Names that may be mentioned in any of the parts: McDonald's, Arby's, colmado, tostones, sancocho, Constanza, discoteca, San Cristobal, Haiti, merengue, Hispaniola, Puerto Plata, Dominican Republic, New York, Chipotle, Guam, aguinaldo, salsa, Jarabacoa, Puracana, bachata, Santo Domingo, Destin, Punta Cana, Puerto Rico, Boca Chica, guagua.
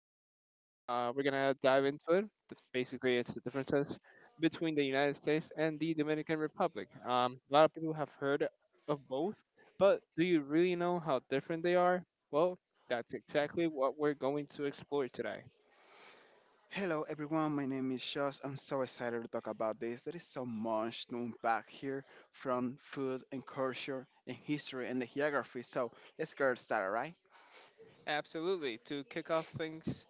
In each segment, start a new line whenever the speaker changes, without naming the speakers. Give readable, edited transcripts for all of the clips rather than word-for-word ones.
lined up. We're going to dive into it. Basically, it's the differences between the United States and the Dominican Republic. A lot of people have heard of both, but do you really know how different they are? Well, that's exactly what we're going to explore today.
Hello everyone, my name is Josh. I'm so excited to talk about this. There is so much to unpack here from food and culture and history and the geography. So let's get started, right?
Absolutely. To kick off things,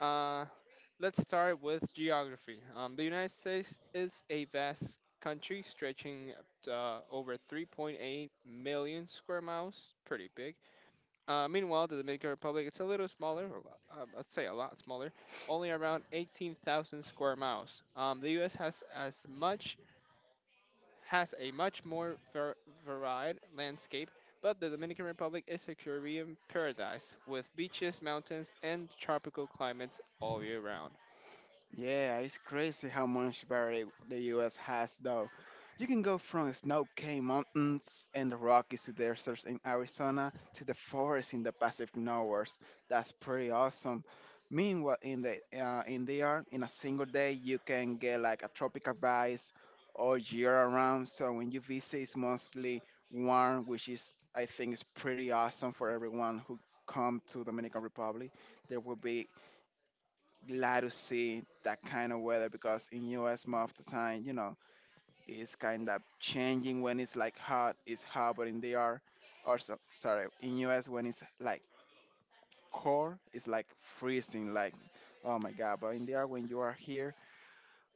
Uh, let's start with geography. The United States is a vast country stretching over 3.8 million square miles, pretty big. Meanwhile, the Dominican Republic is a little smaller, or, I'd say a lot smaller, only around 18,000 square miles. The U.S. Has a much more varied landscape, but the Dominican Republic is a Caribbean paradise with beaches, mountains, and tropical climates all year round.
Yeah, it's crazy how much variety the US has, though. You can go from snow capped mountains and the Rockies to deserts in Arizona to the forests in the Pacific Northwest. That's pretty awesome. Meanwhile, in a single day, you can get like a tropical vibe all year around. So when you visit, it's mostly warm, which is I think is pretty awesome for everyone who come to Dominican Republic. There will be glad to see that kind of weather because in US most of the time, you know, it's kind of changing when it's like hot, it's hot, but in the are also sorry, in US when it's like cold, it's like freezing, like oh my god. But in the are when you are here,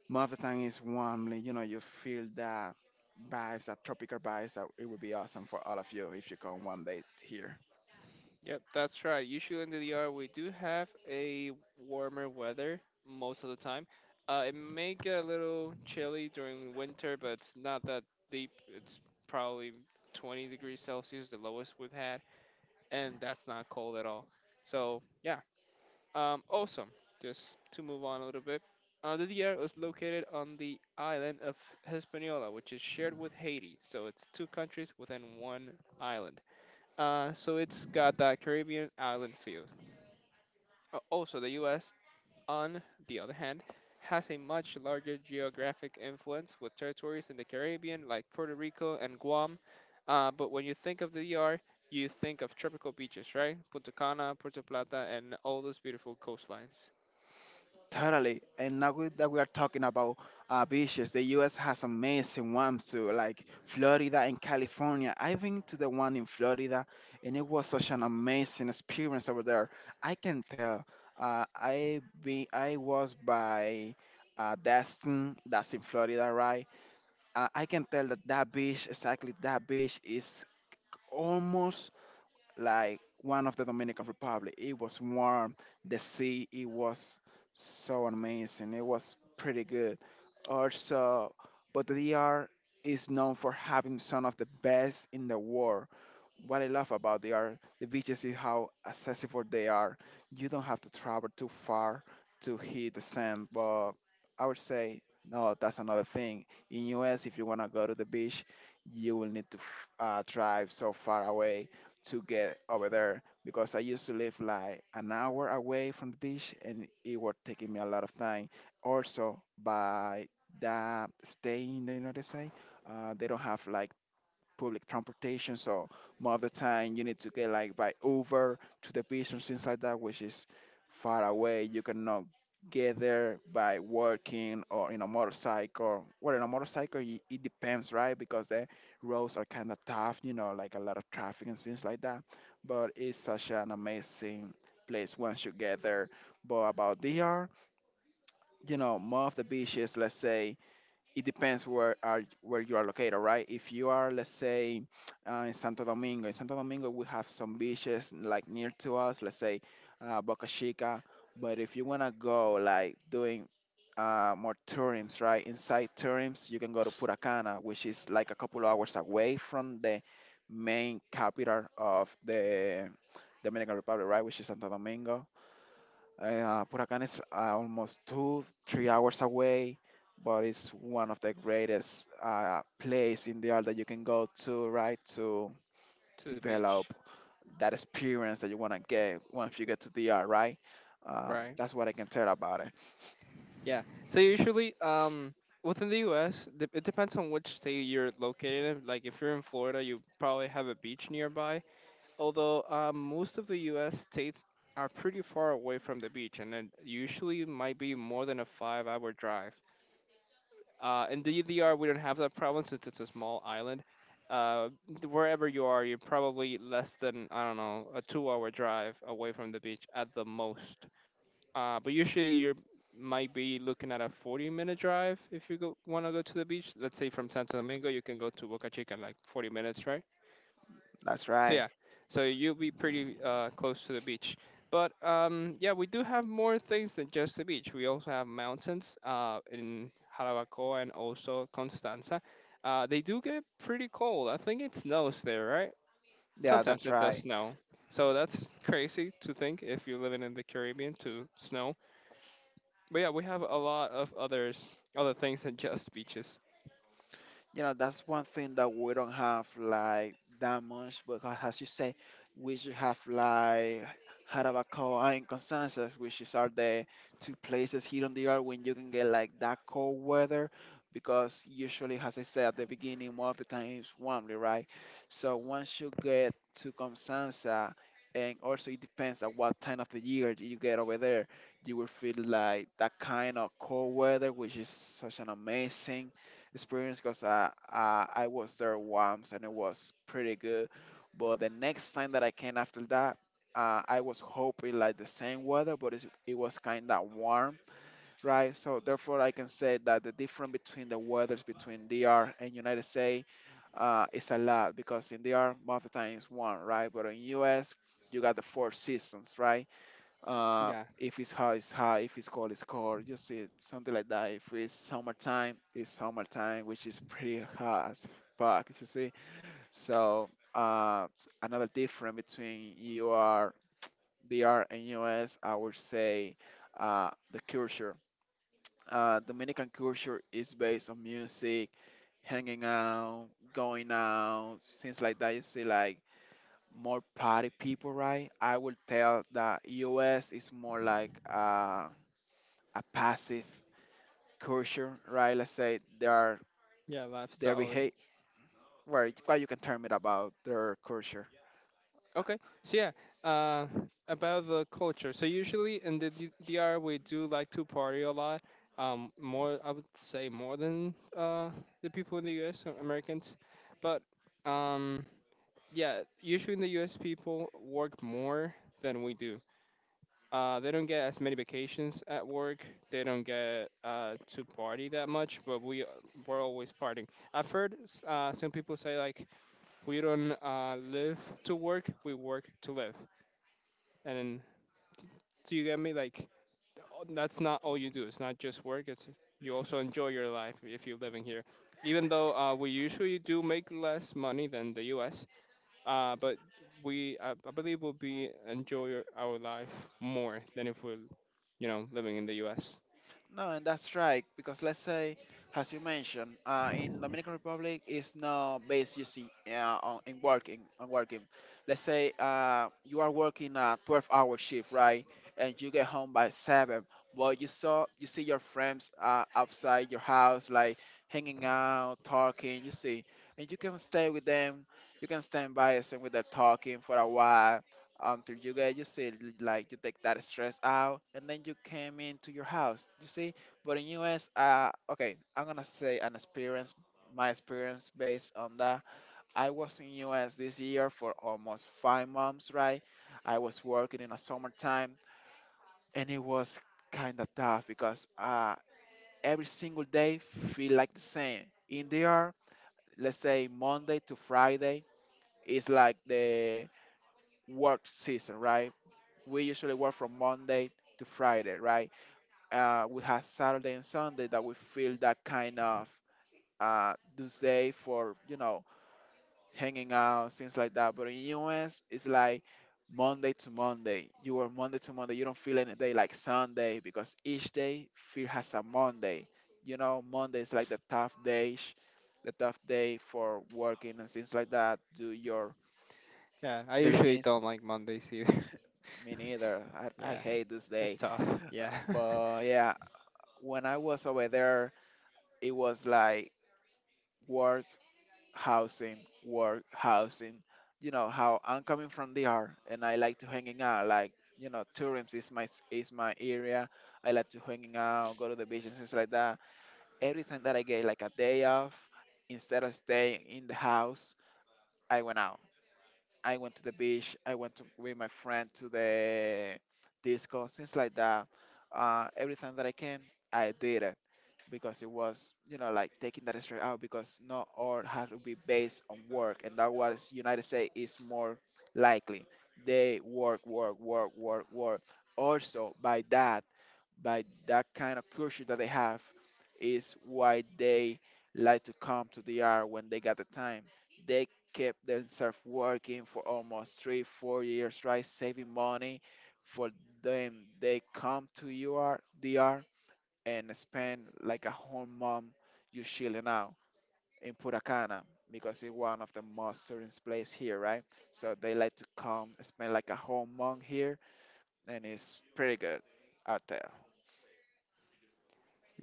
most of the time it's warm, like, you know, you feel that vibes, that tropical vibes. That it would be awesome for all of you if you come one day here.
Yep, that's right. Usually in the DR, we do have a warmer weather most of the time. It may get a little chilly during winter, but it's not that deep. It's probably 20 degrees Celsius, the lowest we've had, and that's not cold at all. So, yeah, awesome. Just to move on a little bit. The DR is located on the island of Hispaniola, which is shared with Haiti. So it's two countries within one island. So it's got that Caribbean island feel. Also, the US, on the other hand, has a much larger geographic influence with territories in the Caribbean like Puerto Rico and Guam. But when you think of the DR, you think of tropical beaches, right? Punta Cana, Puerto Plata, and all those beautiful coastlines
Totally. And now we, that we are talking about beaches, the US has amazing ones too, like Florida and California. I've been to the one in Florida and it was such an amazing experience over there. I can tell. I was by Destin, that's in Florida, right? I can tell that that beach, exactly that beach, is almost like one of the Dominican Republic. It was warm, the sea, it was so amazing. It was pretty good. Also, but the DR is known for having some of the best in the world, what I love about they are the beaches is how accessible they are. You don't have to travel too far to hit the sand, but I would say no, that's another thing. In US, if you wanna go to the beach, you will need to drive so far away to get over there because I used to live like an hour away from the beach and it was taking me a lot of time. Also, by that stay in the United States, they don't have like public transportation. So most of the time you need to get like by Uber to the beach and things like that, which is far away. You cannot get there by walking or in a motorcycle. Well, in a motorcycle, it depends, right? Because the roads are kind of tough, you know, like a lot of traffic and things like that. But it's such an amazing place once you get there. But about DR, you know, more of the beaches, let's say it depends where you are located, right? If you are, let's say, in Santo Domingo we have some beaches like near to us, let's say, Boca Chica. But if you wanna go like doing more tourims, right? Inside tourims, you can go to Puracana, which is like a couple hours away from the main capital of the Dominican Republic, right? Which is Santo Domingo. Puracan is almost two, three hours away, but it's one of the greatest place in the world that you can go to, right, to
to the beach,
develop that experience that you want to get once you get to DR, right?
right?
That's what I can tell about it.
Yeah. So usually, within the U.S., it depends on which state you're located in. Like if you're in Florida, you probably have a beach nearby, although most of the US states are pretty far away from the beach, and it usually might be more than a 5 hour drive. In the UDR, we don't have that problem since it's a small island. Uh, wherever you are, you're probably less than, I don't know, a 2 hour drive away from the beach at the most. But usually you might be looking at a 40-minute drive if want to go to the beach. Let's say from Santo Domingo, you can go to Boca Chica in like 40 minutes, right?
That's
So
right.
yeah, so you'll be pretty close to the beach. But yeah, we do have more things than just the beach. We also have mountains in Jarabacoa and also Constanza. They do get pretty cold. I think it snows there, right?
Yeah,
Sometimes
that's
it does
right.
snow. So that's crazy to think if you're living in the Caribbean to snow. But yeah, we have a lot of other things than just beaches.
You know, that's one thing that we don't have like that much because, as you say, we should have like Jarabacoa and Constanza, which is are the two places here on the earth when you can get like that cold weather. Because usually, as I said at the beginning, most of the time it's warmly, right? So once you get to Constanza, and also it depends on what time of the year you get over there, you will feel like that kind of cold weather, which is such an amazing experience because I was there once and it was pretty good. But the next time that I came after that, I was hoping like the same weather, but it was kind of warm, right? So therefore, I can say that the difference between the weathers between DR and United States is a lot because in DR most of the time it's warm, right? But in US you got the four seasons, right?
Yeah,
If it's high, it's high. If it's cold, it's cold. You see, something like that. If it's summertime, it's summertime, which is pretty hot as fuck. You see, so another difference between UR, DR, and US, I would say, the culture. Dominican culture is based on music, hanging out, going out, things like that. You see, like more party people, right? I would tell that US is more like a passive culture, right? Let's say they are
yeah,
they
lifestyle.
behave where you can term it about their culture.
Okay. So yeah, uh, about the culture. So usually in the DR we do like to party a lot. More I would say more than the people in the U.S., Americans, but um yeah, usually in the U.S. people work more than we do. They don't get as many vacations at work. They don't get to party that much, but we're always partying. I've heard some people say, like, we don't live to work, we work to live, and then so you get me, like, that's not all you do. It's not just work. It's, you also enjoy your life if you're living here. Even though we usually do make less money than the U.S., but I believe we'll be enjoy our life more than if we're living in the U.S.
No, and that's right. Because let's say, as you mentioned, in Dominican Republic is no base. You see, on in working on working. Let's say you are working a 12-hour shift, right? And you get home by seven, but you see your friends outside your house, like hanging out, talking. You see, and you can stay with them. You can stand by and with them talking for a while until you see like you take that stress out and then you came into your house. You see, but in US, okay, I'm gonna say an experience, my experience based on that. I was in US this year for almost 5 months, right? I was working in a summertime and it was kind of tough because every single day feel like the same in there. Let's say Monday to Friday is like the work season, right? We usually work from Monday to Friday, right? We have Saturday and Sunday that we feel that kind of uh, day for you know hanging out, things like that. But in US, it's like Monday to Monday. You are Monday to Monday. You don't feel any day like Sunday because each day feel has a Monday. You know, Monday is like the tough day, the tough day for working and things like that. Do your
Yeah, I usually
diligence.
don't like Mondays either.
Me neither. I
Yeah,
hate this
it's
day.
tough. Yeah.
But yeah, when I was over there, it was like work, housing, work, housing. You know how I'm coming from DR and I like to hanging out. Like you know, tourism is my area. I like to hanging out, go to the beach and things like that. Every time that I get like a day off, instead of staying in the house, I went out. I went to the beach. I went to, with my friend to the disco, things like that. Everything that I can, I did it because it was, you know, like taking that stress out because not all has to be based on work, and that was United States is more likely. They work, work, work, work, work. Also, by that kind of culture that they have is why they like to come to the DR when they got the time. They kept themselves working for almost three, 4 years, right? Saving money for them. They come to UR, DR and spend like a whole month you chilling out in Puracana because it's one of the most tourist place here, right? So they like to come spend like a whole month here and it's pretty good out there.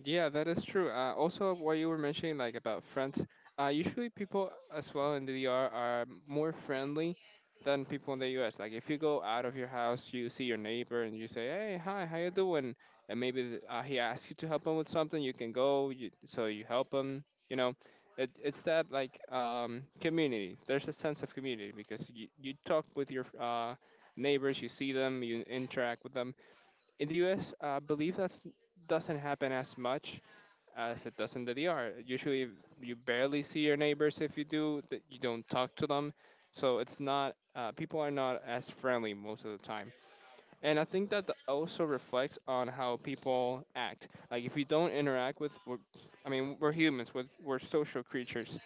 Yeah, that is true. Also, what you were mentioning, like about friends, usually people as well in the D.R. are more friendly than people in the US. Like if you go out of your house, you see your neighbor and you say, "Hey, hi, how you doing?" And maybe he asks you to help him with something. You can go, so you help him. You know, it's that like community. There's a sense of community because you talk with your neighbors, you see them, you interact with them. In the US, I believe that's doesn't happen as much as it does in the DR. Usually, you barely see your neighbors if you do, that you don't talk to them. So it's not, people are not as friendly most of the time. And I think that also reflects on how people act. Like, if you don't interact with, I mean, we're humans, we're social creatures.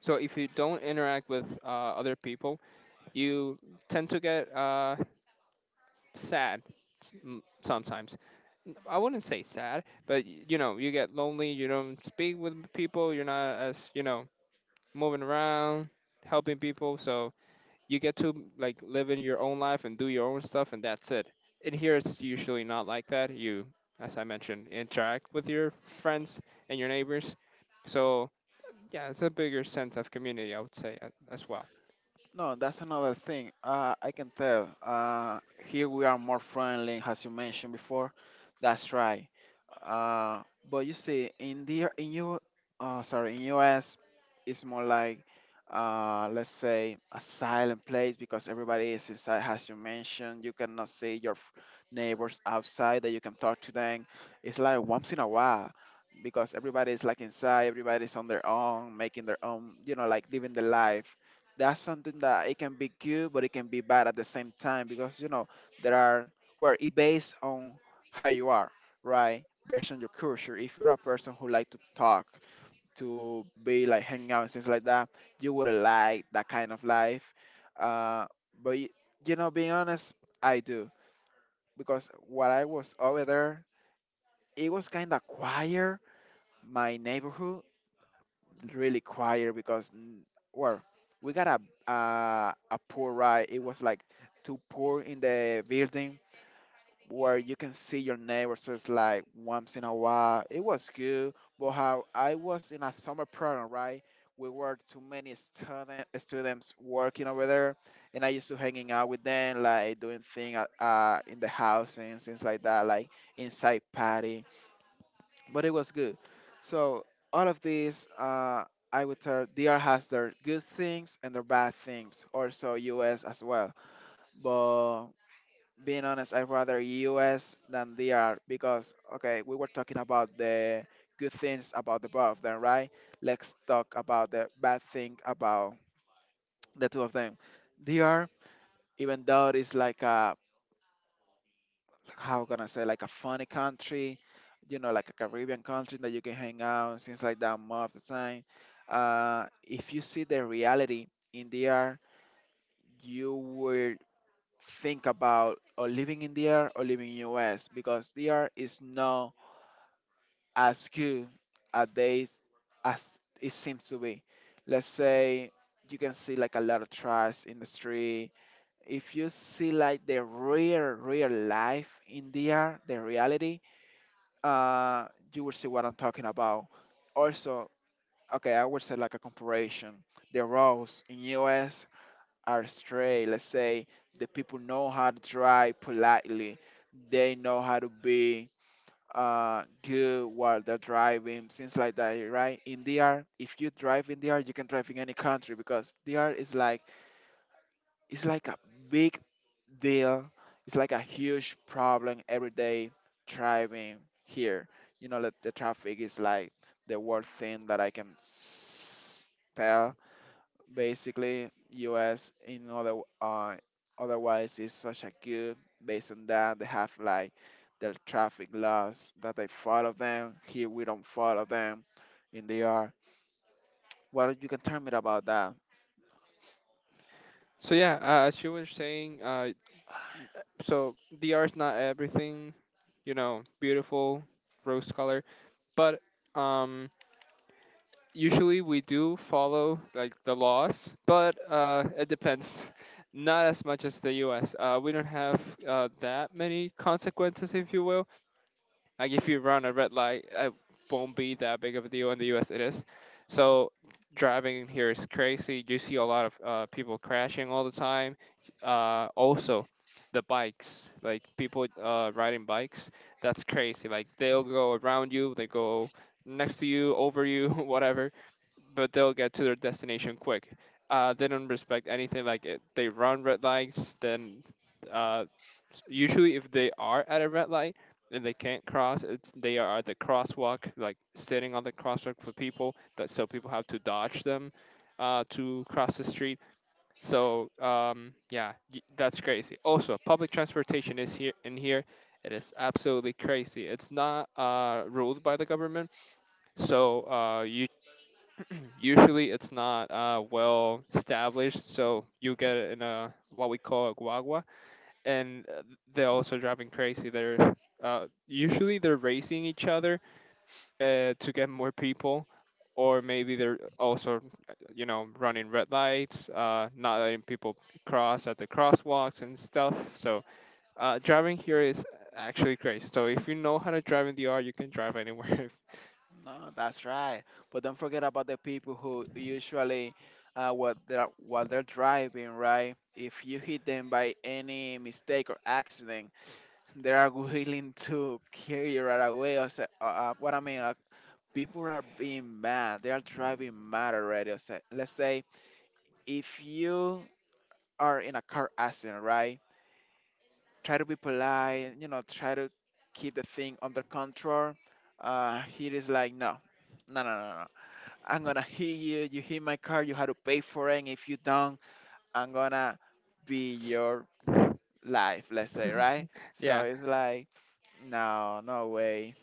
So if you don't interact with other people, you tend to get sad sometimes. I wouldn't say sad, but you know, you get lonely, you don't speak with people, you're not as moving around, helping people, so you get to like live in your own life and do your own stuff and that's it. In here it's usually not like that. You, as I mentioned, interact with your friends and your neighbors. So, yeah, it's a bigger sense of community, I would say, as well.
No, that's another thing. I can tell. Here we are more friendly, as you mentioned before. That's right. Uh, but you see, in the in you, sorry, in US, it's more like, let's say a silent place because everybody is inside, as you mentioned. You cannot see your neighbors outside that you can talk to them. It's like once in a while. Because everybody is like inside, everybody's on their own, making their own, like living the life. That's something that it can be good but it can be bad at the same time because there are, where it based on how you are, right, based on your culture. If you're a person who like to talk, to be like hanging out and things like that, you wouldn't like that kind of life. uh, but y- Being honest, I do, because while I was over there, it was kind of quiet, my neighborhood, really quiet because well, we got a poor ride. It was like too poor in the building where you can see your neighbors just like once in a while. It was good. But how I was in a summer program, right, we were too many students working over there, and I used to hanging out with them, like doing things in the house and things like that, like inside party. But it was good. So all of these, I would tell DR has their good things and their bad things. Also US as well. But being honest, I rather US than DR because okay, we were talking about the good things about the both of them, right? Let's talk about the bad thing about the two of them. DR, even though it's like a, how can I say, like a funny country, you know, like a Caribbean country that you can hang out and things like that more of the time. If you see the reality in the air, you will think about or living in the air or living in US because the air is not as good as they, as it seems to be. Let's say you can see like a lot of trash in the street. If you see like the real real life in the air, the reality, uh, you will see what I'm talking about. Also, okay, I would say like a comparison. The roads in US are straight. Let's say the people know how to drive politely. They know how to be good while they're driving, things like that, right? In DR, if you drive in DR, you can drive in any country because DR is like, it's like a big deal. It's like a huge problem every day driving here. You know, that the traffic is like the worst thing that I can tell. Basically, U.S. in other otherwise is such a good. Based on that, they have like the traffic laws that they follow them. Here we don't follow them in the R. What you can tell me about that?
So yeah, as you were saying, so the art's not everything, you know, beautiful, rose color. But um, usually we do follow like the laws, but it depends. Not as much as the U.S. We don't have that many consequences, if you will. Like if you run a red light, it won't be that big of a deal in the U.S. It is. So driving here is crazy. You see a lot of people crashing all the time. Also, the bikes, like people riding bikes, that's crazy. Like they'll go around you, they go next to you, over you, whatever, but they'll get to their destination quick. They don't respect anything like it. They run red lights, then uh, usually if they are at a red light and they can't cross, it's they are at the crosswalk, like sitting on the crosswalk for people that so people have to dodge them to cross the street. So yeah, that's crazy. Also, public transportation is here in here. It is absolutely crazy. It's not ruled by the government, so you usually it's not well established, so you get it in a what we call a guagua, and they're also driving crazy. They're usually they're racing each other to get more people, or maybe they're also running red lights, not letting people cross at the crosswalks and stuff. So driving here is actually crazy. So if you know how to drive in the R, you can drive anywhere.
No, that's right. But don't forget about the people who usually, while they're driving, right? If you hit them by any mistake or accident, they are willing to carry you right away. Or say, what I mean, like people are being mad. They are driving mad already. Or say, let's say if you are in a car accident, right? Try to be polite. You know, try to keep the thing under control. He is like, no, no, no, no, no. I'm gonna hit you. You hit my car. You had to pay for it. And if you don't, I'm gonna be your life. Let's say, right?
Yeah,
So it's like, no, no way.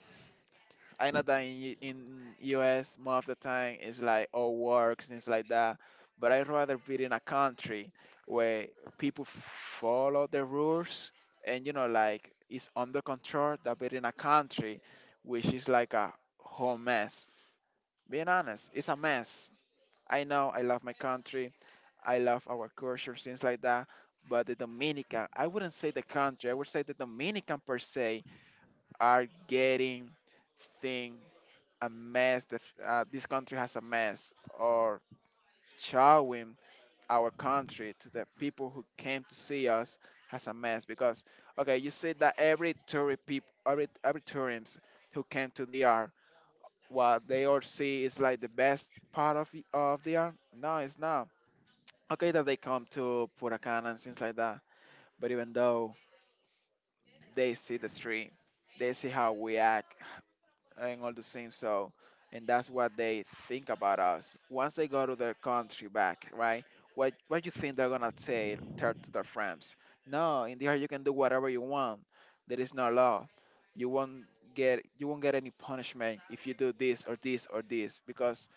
I know that in in US most of the time it's like all works things like that, but I'd rather be in a country where people follow the rules and you know like it's under control than be in a country which is like a whole mess. Being honest, it's a mess. I know I love my country, I love our culture, things like that. But the Dominican, I wouldn't say the country, I would say the Dominican per se are getting thing a mess. This country has a mess, or showing our country to the people who came to see us has a mess. Because okay, you see that every tourist people, every tourists who came to the DR, what they all see is like the best part of the DR. No, it's not. Okay, that they come to Puracan and things like that. But even though they see the stream, they see how we act and all the things. So, and that's what they think about us. Once they go to their country back, right? What you think they're gonna say tell to their friends? No, in there you can do whatever you want. There is no law. You won't you won't get any punishment if you do this or this or this because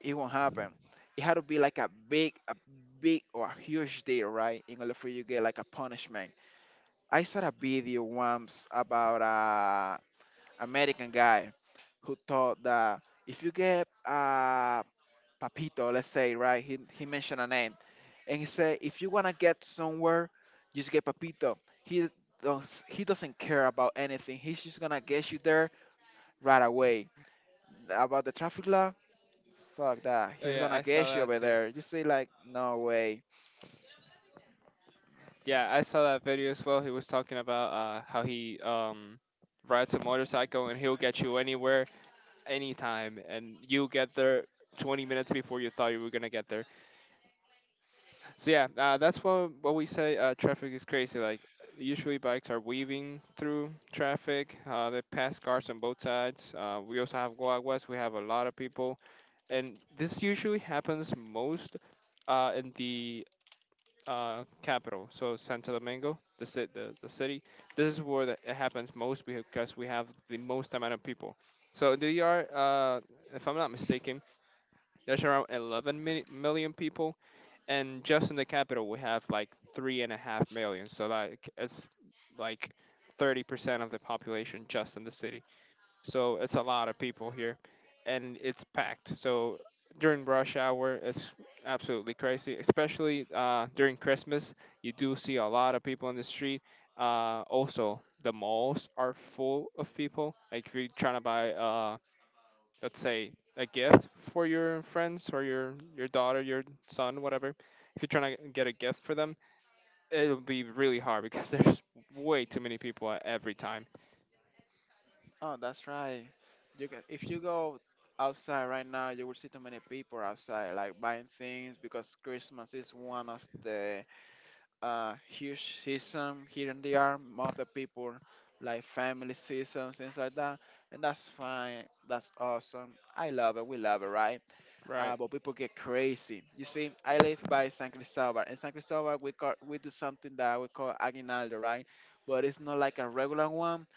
it won't happen. It had to be like a big or a huge deal, right? In order for you to get like a punishment. I saw a video once about a American guy who thought that if you get Papito, let's say, right? He mentioned a name, and he said if you wanna get somewhere, just get Papito. He he doesn't care about anything. He's just gonna get you there right away. About the traffic law, fuck that.
oh
He's
yeah,
gonna
I saw
get you
that.
over there. You say like, no way.
Yeah, I saw that video as well. He was talking about how he rides a motorcycle and he'll get you anywhere, anytime, and you get there 20 minutes before you thought you were gonna get there. So yeah, that's what we say. Traffic is crazy. Like usually bikes are weaving through traffic. They pass cars on both sides. We also have guaguas. We have a lot of people, and this usually happens most in the capital, so Santo Domingo, the, ci- the city. This is where that it happens most because we have the most amount of people. So there are, if I'm not mistaken, there's around 11 million people, and just in the capital we have like 3.5 million. So like it's like 30% of the population just in the city. So it's a lot of people here, and it's packed, so during rush hour it's absolutely crazy, especially during Christmas, you do see a lot of people in the street. Also, the malls are full of people. Like if you're trying to buy, let's say, a gift for your friends or your daughter, your son, whatever. If you're trying to get a gift for them, it'll be really hard because there's way too many people at every time,
Oh, that's right. You can, if you go outside right now, you will see too many people outside like buying things because Christmas is one of the huge season here in the arm. Most of the people, like family season, things like that. And that's fine. That's awesome. I love it. We love it, right?
right?
But people get crazy. You see, I live by San Cristobal. In San Cristobal, we do something that we call aguinaldo, right? But it's not like a regular one.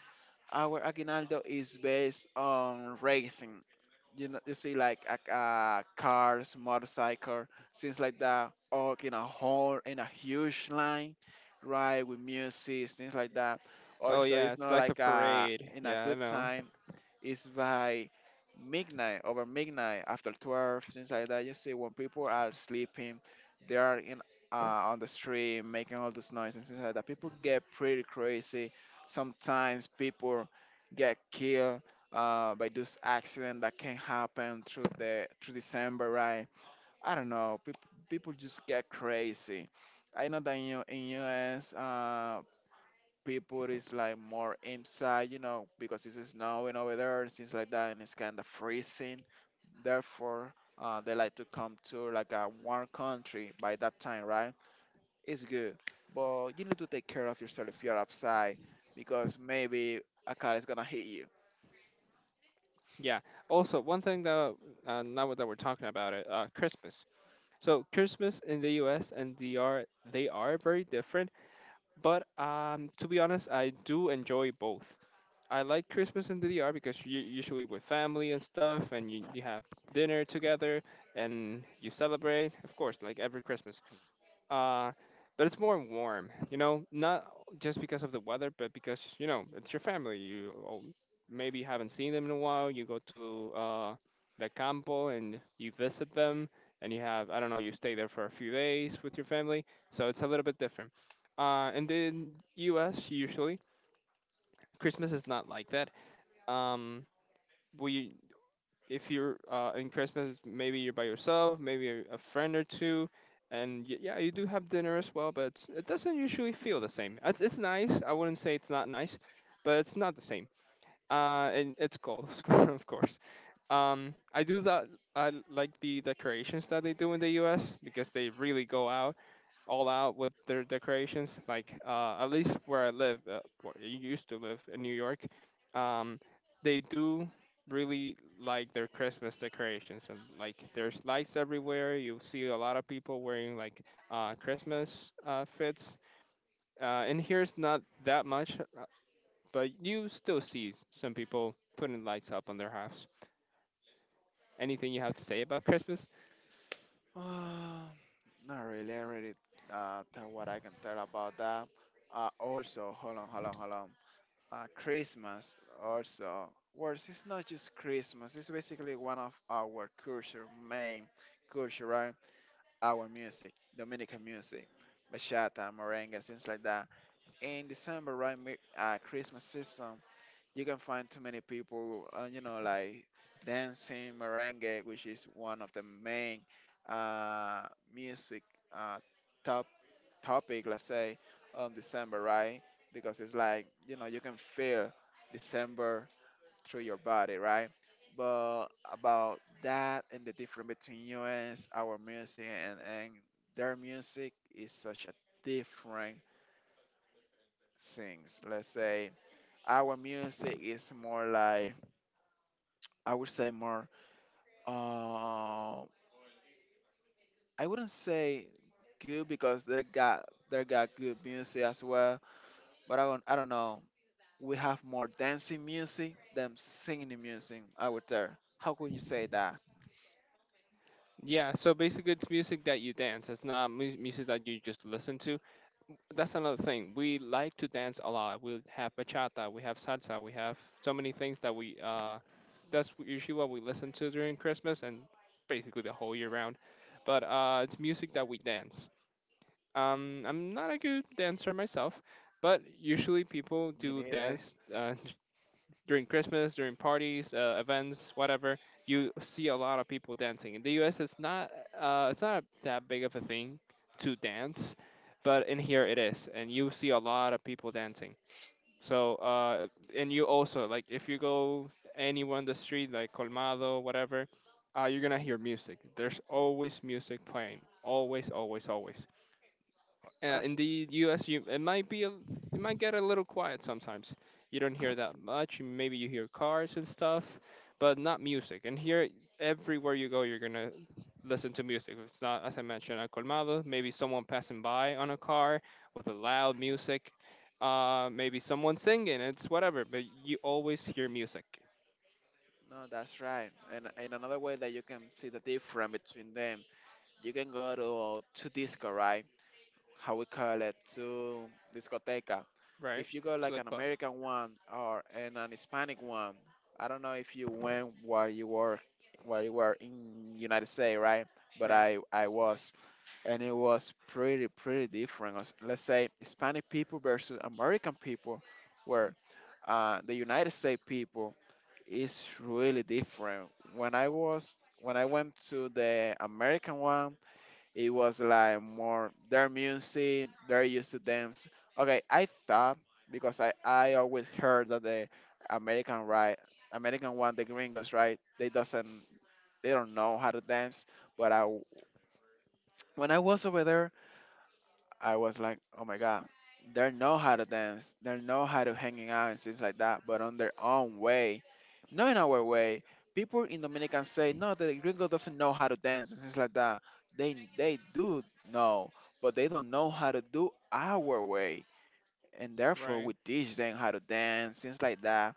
Our aguinaldo is based on racing. You know, you see, like cars, motorcycle, things like that, or in a hall in a huge line, right, with music, things like that.
Oh
Also,
yeah,
it's
it's
not
like a
like
parade.
in a
Yeah, I
good
know.
time. It's by midnight, over midnight, after 12, things like that. You see, when people are sleeping, they are in uh, on the street making all this noise and things like that. People get pretty crazy. Sometimes people get killed by this accident that can happen through the through December, right? I don't know. People just get crazy. I know that in in US, people is like more inside, you know, because it's snowing over there and things like that, and it's kind of freezing. Therefore, they like to come to like a warm country by that time, right? It's good, but you need to take care of yourself if you're outside, because maybe a car is gonna hit you.
Yeah. Also, one thing that now that we're talking about it, Christmas. So Christmas in the U.S. and DR, they are very different. But to be honest, I do enjoy both. I like Christmas in the D.R. because you usually with family and stuff, and you have dinner together and you celebrate. Of course, like every Christmas. Uh, but it's more warm, you know, not just because of the weather, but because you know it's your family. You all maybe haven't seen them in a while. You go to the campo and you visit them, and you have I don't know, you stay there for a few days with your family. So it's a little bit different. And in U.S. usually Christmas is not like that. Um, we If you're in Christmas, maybe you're by yourself, maybe a friend or two, and yeah, you do have dinner as well, but it doesn't usually feel the same. It's nice. I wouldn't say it's not nice, but it's not the same. And it's cold, of course, of course. I do that. I like the decorations that they do in the U.S. because they really go out all out with their decorations. Like at least where I live, where I used to live in New York, um, they do really like their Christmas decorations, and like there's lights everywhere. You see a lot of people wearing like Christmas fits. In here it's not that much, but you still see some people putting lights up on their house. Anything you have to say about Christmas?
Not really. I already tell what I can tell about that. Also, hold on, hold on, hold on. Christmas also. Worse, it's not just Christmas. It's basically one of our culture, main culture, right? Our music, Dominican music, bachata, merengue, things like that. In December, right, Christmas season, you can find too many people, you know, like dancing merengue, which is one of the main uh, music uh, top topic, let's say December, right? Because it's like you know you can feel December through your body, right? But about that and the difference between US, our music, and, their music is such a different things. Let's say our music is more like, I would say more. Uh, I wouldn't say good because they got good music as well. But I don't know. We have more dancing music than singing music out there. How could you say that?
Yeah, so basically it's music that you dance. It's not music that you just listen to. That's another thing. We like to dance a lot. We have bachata, we have salsa, we have so many things that we that's usually what we listen to during Christmas and basically the whole year round. But it's music that we dance. I'm not a good dancer myself, but usually people
Me
do
neither.
dance during Christmas, during parties, events, whatever, you see a lot of people dancing. In the U.S., it's not that big of a thing to dance, but in here it is, and you see a lot of people dancing. So uh, and you also like if you go anywhere on the street like Colmado, whatever, you're gonna hear music. There's always music playing, always, always, always. Uh,
Oh,
in the U.S., you it might be it might get a little quiet sometimes. You don't hear that much. Maybe you hear cars and stuff, but not music. And here, everywhere you go, you're gonna listen to music. If it's not, as I mentioned, a colmado, maybe someone passing by on a car with a loud music. Maybe someone singing. It's whatever, but you always hear music,
no, that's right. And in another way that you can see the difference between them, you can go to disco, right? How we call it, to discoteca.
right?
If you go
To
like
the
an
club,
American one or and an Hispanic one, I don't know if you went while you were in United States, right? But
right?
I was. And it was pretty different. As- Let's say Hispanic people versus American people, where the United States people is really different. When I went to the American one, it was like more their music, they're used to dance. Okay, I thought because I always heard that the American right American one, the gringos right, they don't know how to dance. But I, when I was over there, I was like, oh my god, they know how to dance, they know how to hanging out and things like that, but on their own way, not in our way. People in Dominican say, no, the gringo doesn't know how to dance and things like that. They do know, but they don't know how to do our way. And therefore,
Right.
we teach them how to dance, things like that.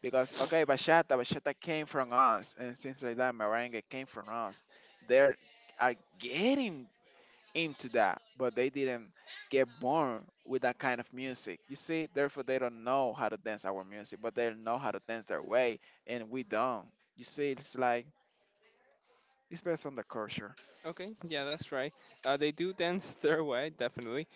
Because, okay, bachata came from us, and things like that, merengue came from us. They are getting into that, but they didn't get born with that kind of music. You see, therefore they don't know how to dance our music, but they know how to dance their way, and we don't. You see, it's like it's based on the culture.
Okay. Yeah, that's right. They do dance their way, definitely.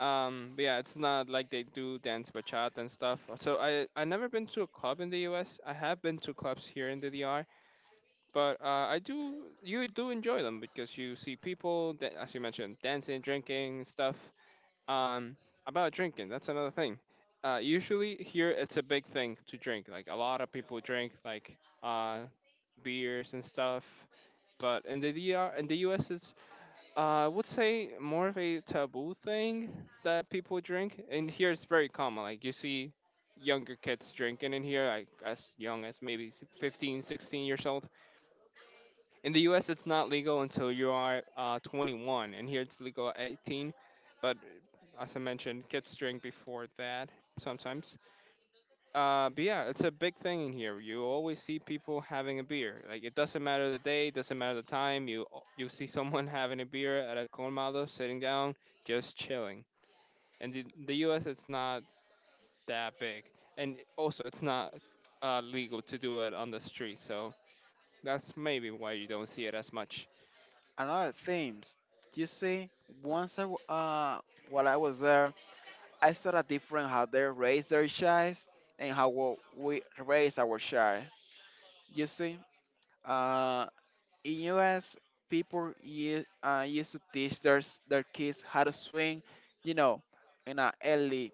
But yeah, it's not like they do dance bachata and stuff. So I never been to a club in the U.S. I have been to clubs here in the D.R., but I do you do enjoy them because you see people that, as you mentioned, dancing, drinking stuff. Um, about drinking, that's another thing. Usually here it's a big thing to drink. Like a lot of people drink like uh beers and stuff, but in the D.R. in the U.S. it's I would say more of a taboo thing that people drink, and here it's very common. Like you see younger kids drinking in here, like as young as maybe 15, 16 years old. In the U.S., it's not legal until you are 21, and here it's legal at 18. But as I mentioned, kids drink before that sometimes. But yeah, it's a big thing in here. You always see people having a beer. Like it doesn't matter the day, doesn't matter the time. You you see someone having a beer at a colmado, sitting down, just chilling. And the U.S. it's not that big, and also it's not legal to do it on the street. So that's maybe why you don't see it as much.
Another themes. You see, once while I was there, I saw a different how they raise their child and how we raise our child. You see, uh, in US, used to teach their their kids how to swing, you know, in an early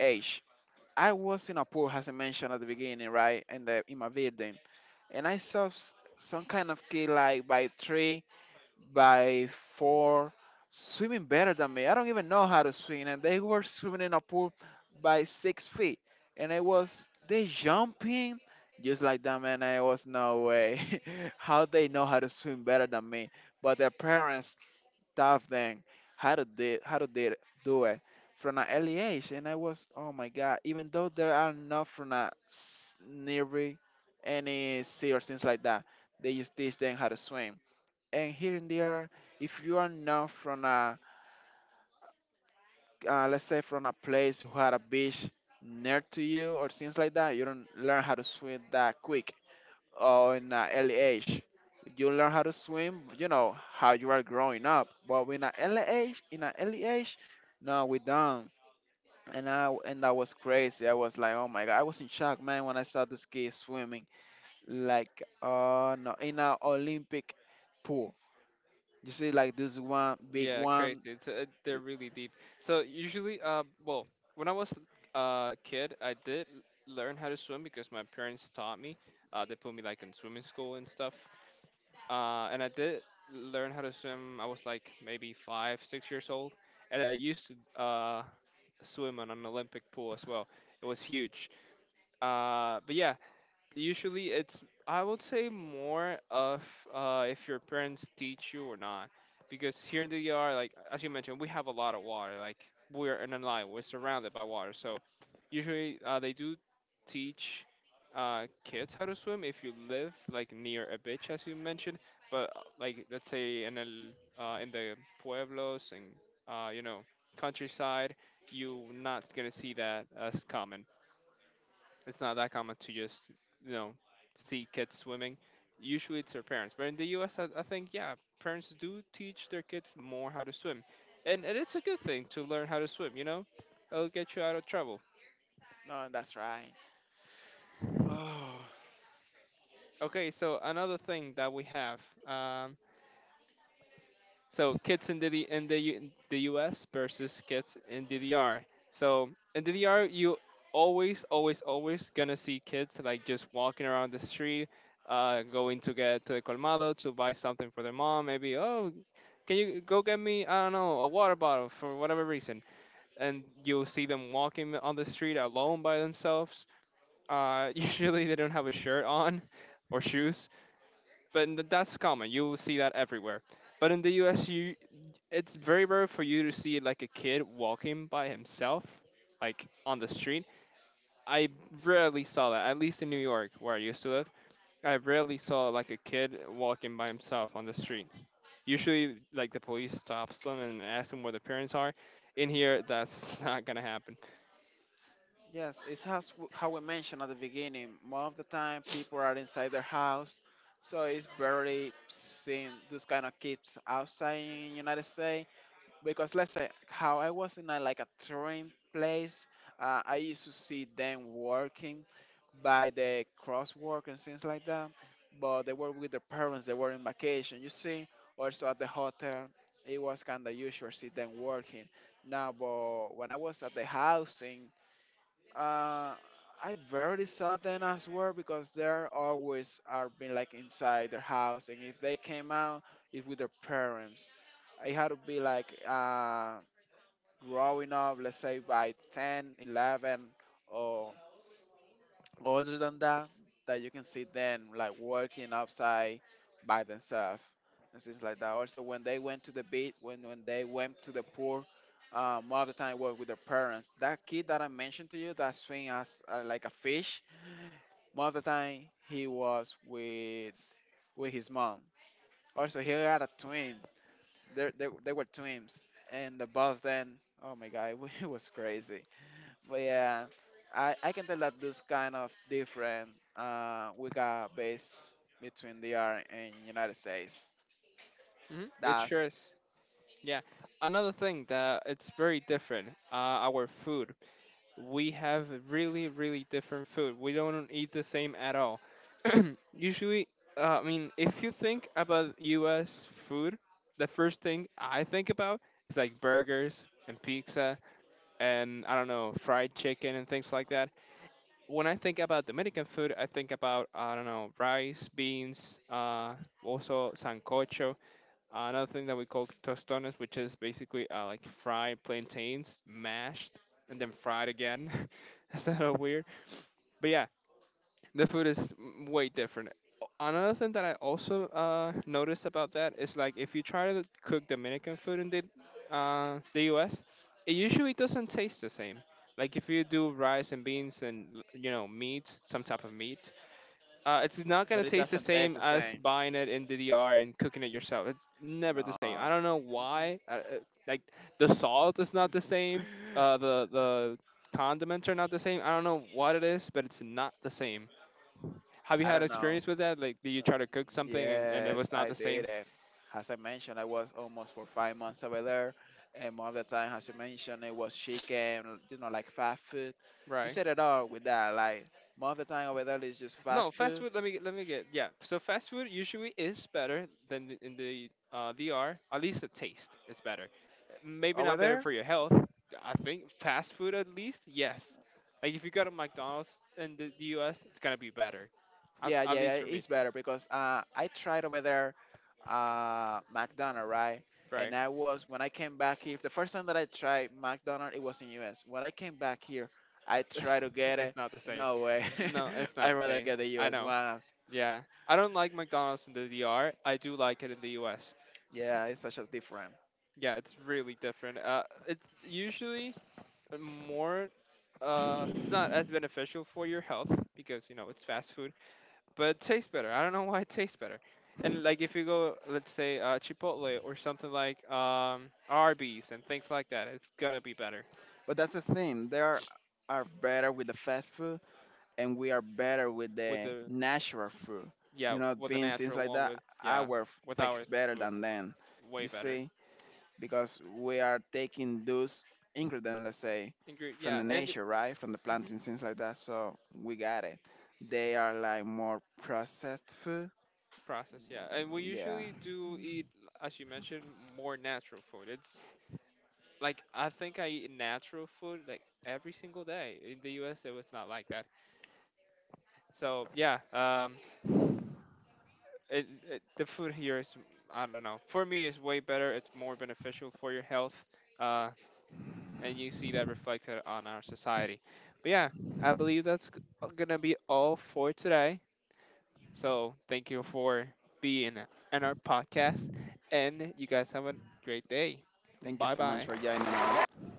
age. I was in a pool, as I mentioned at the beginning, right, in the in my building, and I saw some kind of kid like by three by four, swimming better than me. I don't even know how to swim, and they were swimming in a pool by 6 feet, and I was they jumping just like that, man. I was no way. How they know how to swim better than me? But their parents taught them how to did do it from an early age, and I was oh my god. Even though there are not from a nearly any sea or things like that, they just teach them how to swim and here and there if you are not from a let's say from a place who had a beach near to you or things like that, you don't learn how to swim that quick or in an early age. You learn how to swim, you know, how you are growing up, but in an early age, in an early age, no, we don't. And that was crazy. I was like, oh my god, I was in shock, man, when I saw this kid swimming like no in an Olympic pool. You see, like this one big
Yeah,
one.
crazy. It's they're really deep. So usually, well, when I was a kid, I did learn how to swim because my parents taught me. They put me like in swimming school and stuff. And I did learn how to swim. I was like maybe five, 6 years old, and I used to swim on an Olympic pool as well. It was huge. But yeah, usually, it's I would say more of if your parents teach you or not, because here in the yard, like as you mentioned, we have a lot of water. Like we're in a line, we're surrounded by water. So usually, they do teach kids how to swim if you live like near a beach, as you mentioned. But Like let's say in the pueblos and you know, countryside, you're not gonna see that as common. It's not that common to just you know see kids swimming. Usually it's their parents, but in the U.S., I think yeah, parents do teach their kids more how to swim, and it's a good thing to learn how to swim. You know, it'll get you out of trouble.
No, that's right. Oh,
Okay, so another thing that we have. Um, So kids in the US versus kids in DDR. So in DDR, you always, always, always gonna see kids like just walking around the street, going to get to the colmado to buy something for their mom. Maybe oh, can you go get me I don't know a water bottle for whatever reason, and you'll see them walking on the street alone by themselves. Usually they don't have a shirt on or shoes, but that's common. You will see that everywhere. But in the U.S., you it's very rare for you to see like a kid walking by himself, like on the street. I rarely saw that. At least in New York, where I used to live, I rarely saw like a kid walking by himself on the street. Usually, like the police stops them and asks them where the parents are. In here, that's not gonna happen.
yes, it's how we mentioned at the beginning. Most of the time, people are inside their house, so it's very seeing those kind of kids outside in United States. Because let's say how I was in a, like a touring place, I used to see them working by the crosswork and things like that. But they were with their parents, they were in vacation, you see. Also at the hotel, it was kind of usual see them working. Now, but when I was at the housing, uh, I barely saw them as well because they're always are being like inside their house, and if they came out, it's with their parents. It had to be like growing up, let's say by 10, 11, or. Other than that, that you can see them like working outside by themselves and things like that. Also, when they went to the beach, when they went to the pool, most of the time work with their parents. That kid that I mentioned to you, that swing as like a fish, most of the time he was with his mom. Also, he had a twin. They were twins, and the both then, oh my god, it was crazy. But yeah, I can tell that those kind of different we got base between the R and United States.
Mhm. It sure
That's
is. Yeah. Another thing that it's very different. Our food. We have really really different food, we don't eat the same at all. Usually, I mean, if you think about US food, the first thing I think about is like burgers and pizza, and I don't know, fried chicken and things like that. When I think about Dominican food, I think about I don't know, rice, beans, also sancocho. Another thing that we call tostones, which is basically like fried plantains, mashed, and then fried again. That's a little weird. But yeah, the food is way different. Another thing that I also noticed about that is like if you try to cook Dominican food in the U.S., it usually doesn't taste the same. Like if you do rice and beans and you know, meat, some type of meat, it's not gonna
but it
taste the
doesn't taste
same
the
as
same.
buying it in DDR and cooking it yourself. It's never the same. I
No,
don't know why. Like the salt is not the same. Uh, the the condiments are not the same. I don't know what it is, but it's not the same. Have you
I
had
don't know.
experience with that? Like, do you try to cook something and, it
Yes,
was not
I
the
did
same?
it. As I mentioned, I was almost for 5 months over there, and more of the time, as you mentioned, it was chicken, you know, like fast food. You
Right.
said it all with that. Like more of the time over there is just fast
No, fast
food
food. Let me get yeah. So fast food usually is better than in the DR. At least the taste is better. Maybe
over
not better
there.
for your health. I think fast food at least yes. Like if you go to McDonald's in the U.S., it's gonna be better. At,
Yeah,
at
yeah, yeah,
least for me,
it's better because I tried over there, McDonald's, right? And
right?
I was when I came back here. The first time that I tried McDonald's, it was in U.S. When I came back here, I tried to get it.
It's not the same.
No way.
No, it's
I
not the
rather
same.
get the
I
U.S.
know.
ones.
Yeah, I don't like McDonald's in the DR. I do like it in the U.S.
Yeah, it's such a different.
Yeah, it's really different. It's usually more it's not as beneficial for your health because you know it's fast food, but it tastes better, I don't know why it tastes better. And like if you go, let's say, Chipotle or something like Arby's and things like that, it's gonna be better.
But that's the thing. They are better with the fast food, and we are better with
With
the
the
natural food.
Yeah,
You know,
with the
beans, things
natural
like
one,
that. Our
with our
tastes better
food,
than them.
way
You
better.
see, because we are taking those ingredients, let's say,
Ingre-
from
yeah
the
and
nature, right, from the
hmm
planting, things like that. So we got it. They are like more processed food.
process yeah, and we
Yeah.
usually do eat, as you mentioned, more natural food. It's like I think I eat natural food like every single day. In the U.S., it was not like that. So yeah, the food here is I don't know. For me, it's way better. It's more beneficial for your health, uh, and you see that reflected on our society. But yeah, I believe that's gonna be all for today. So thank you for being in our podcast, and you guys have a great day.
Thank you
Bye
so much for
bye.
joining us.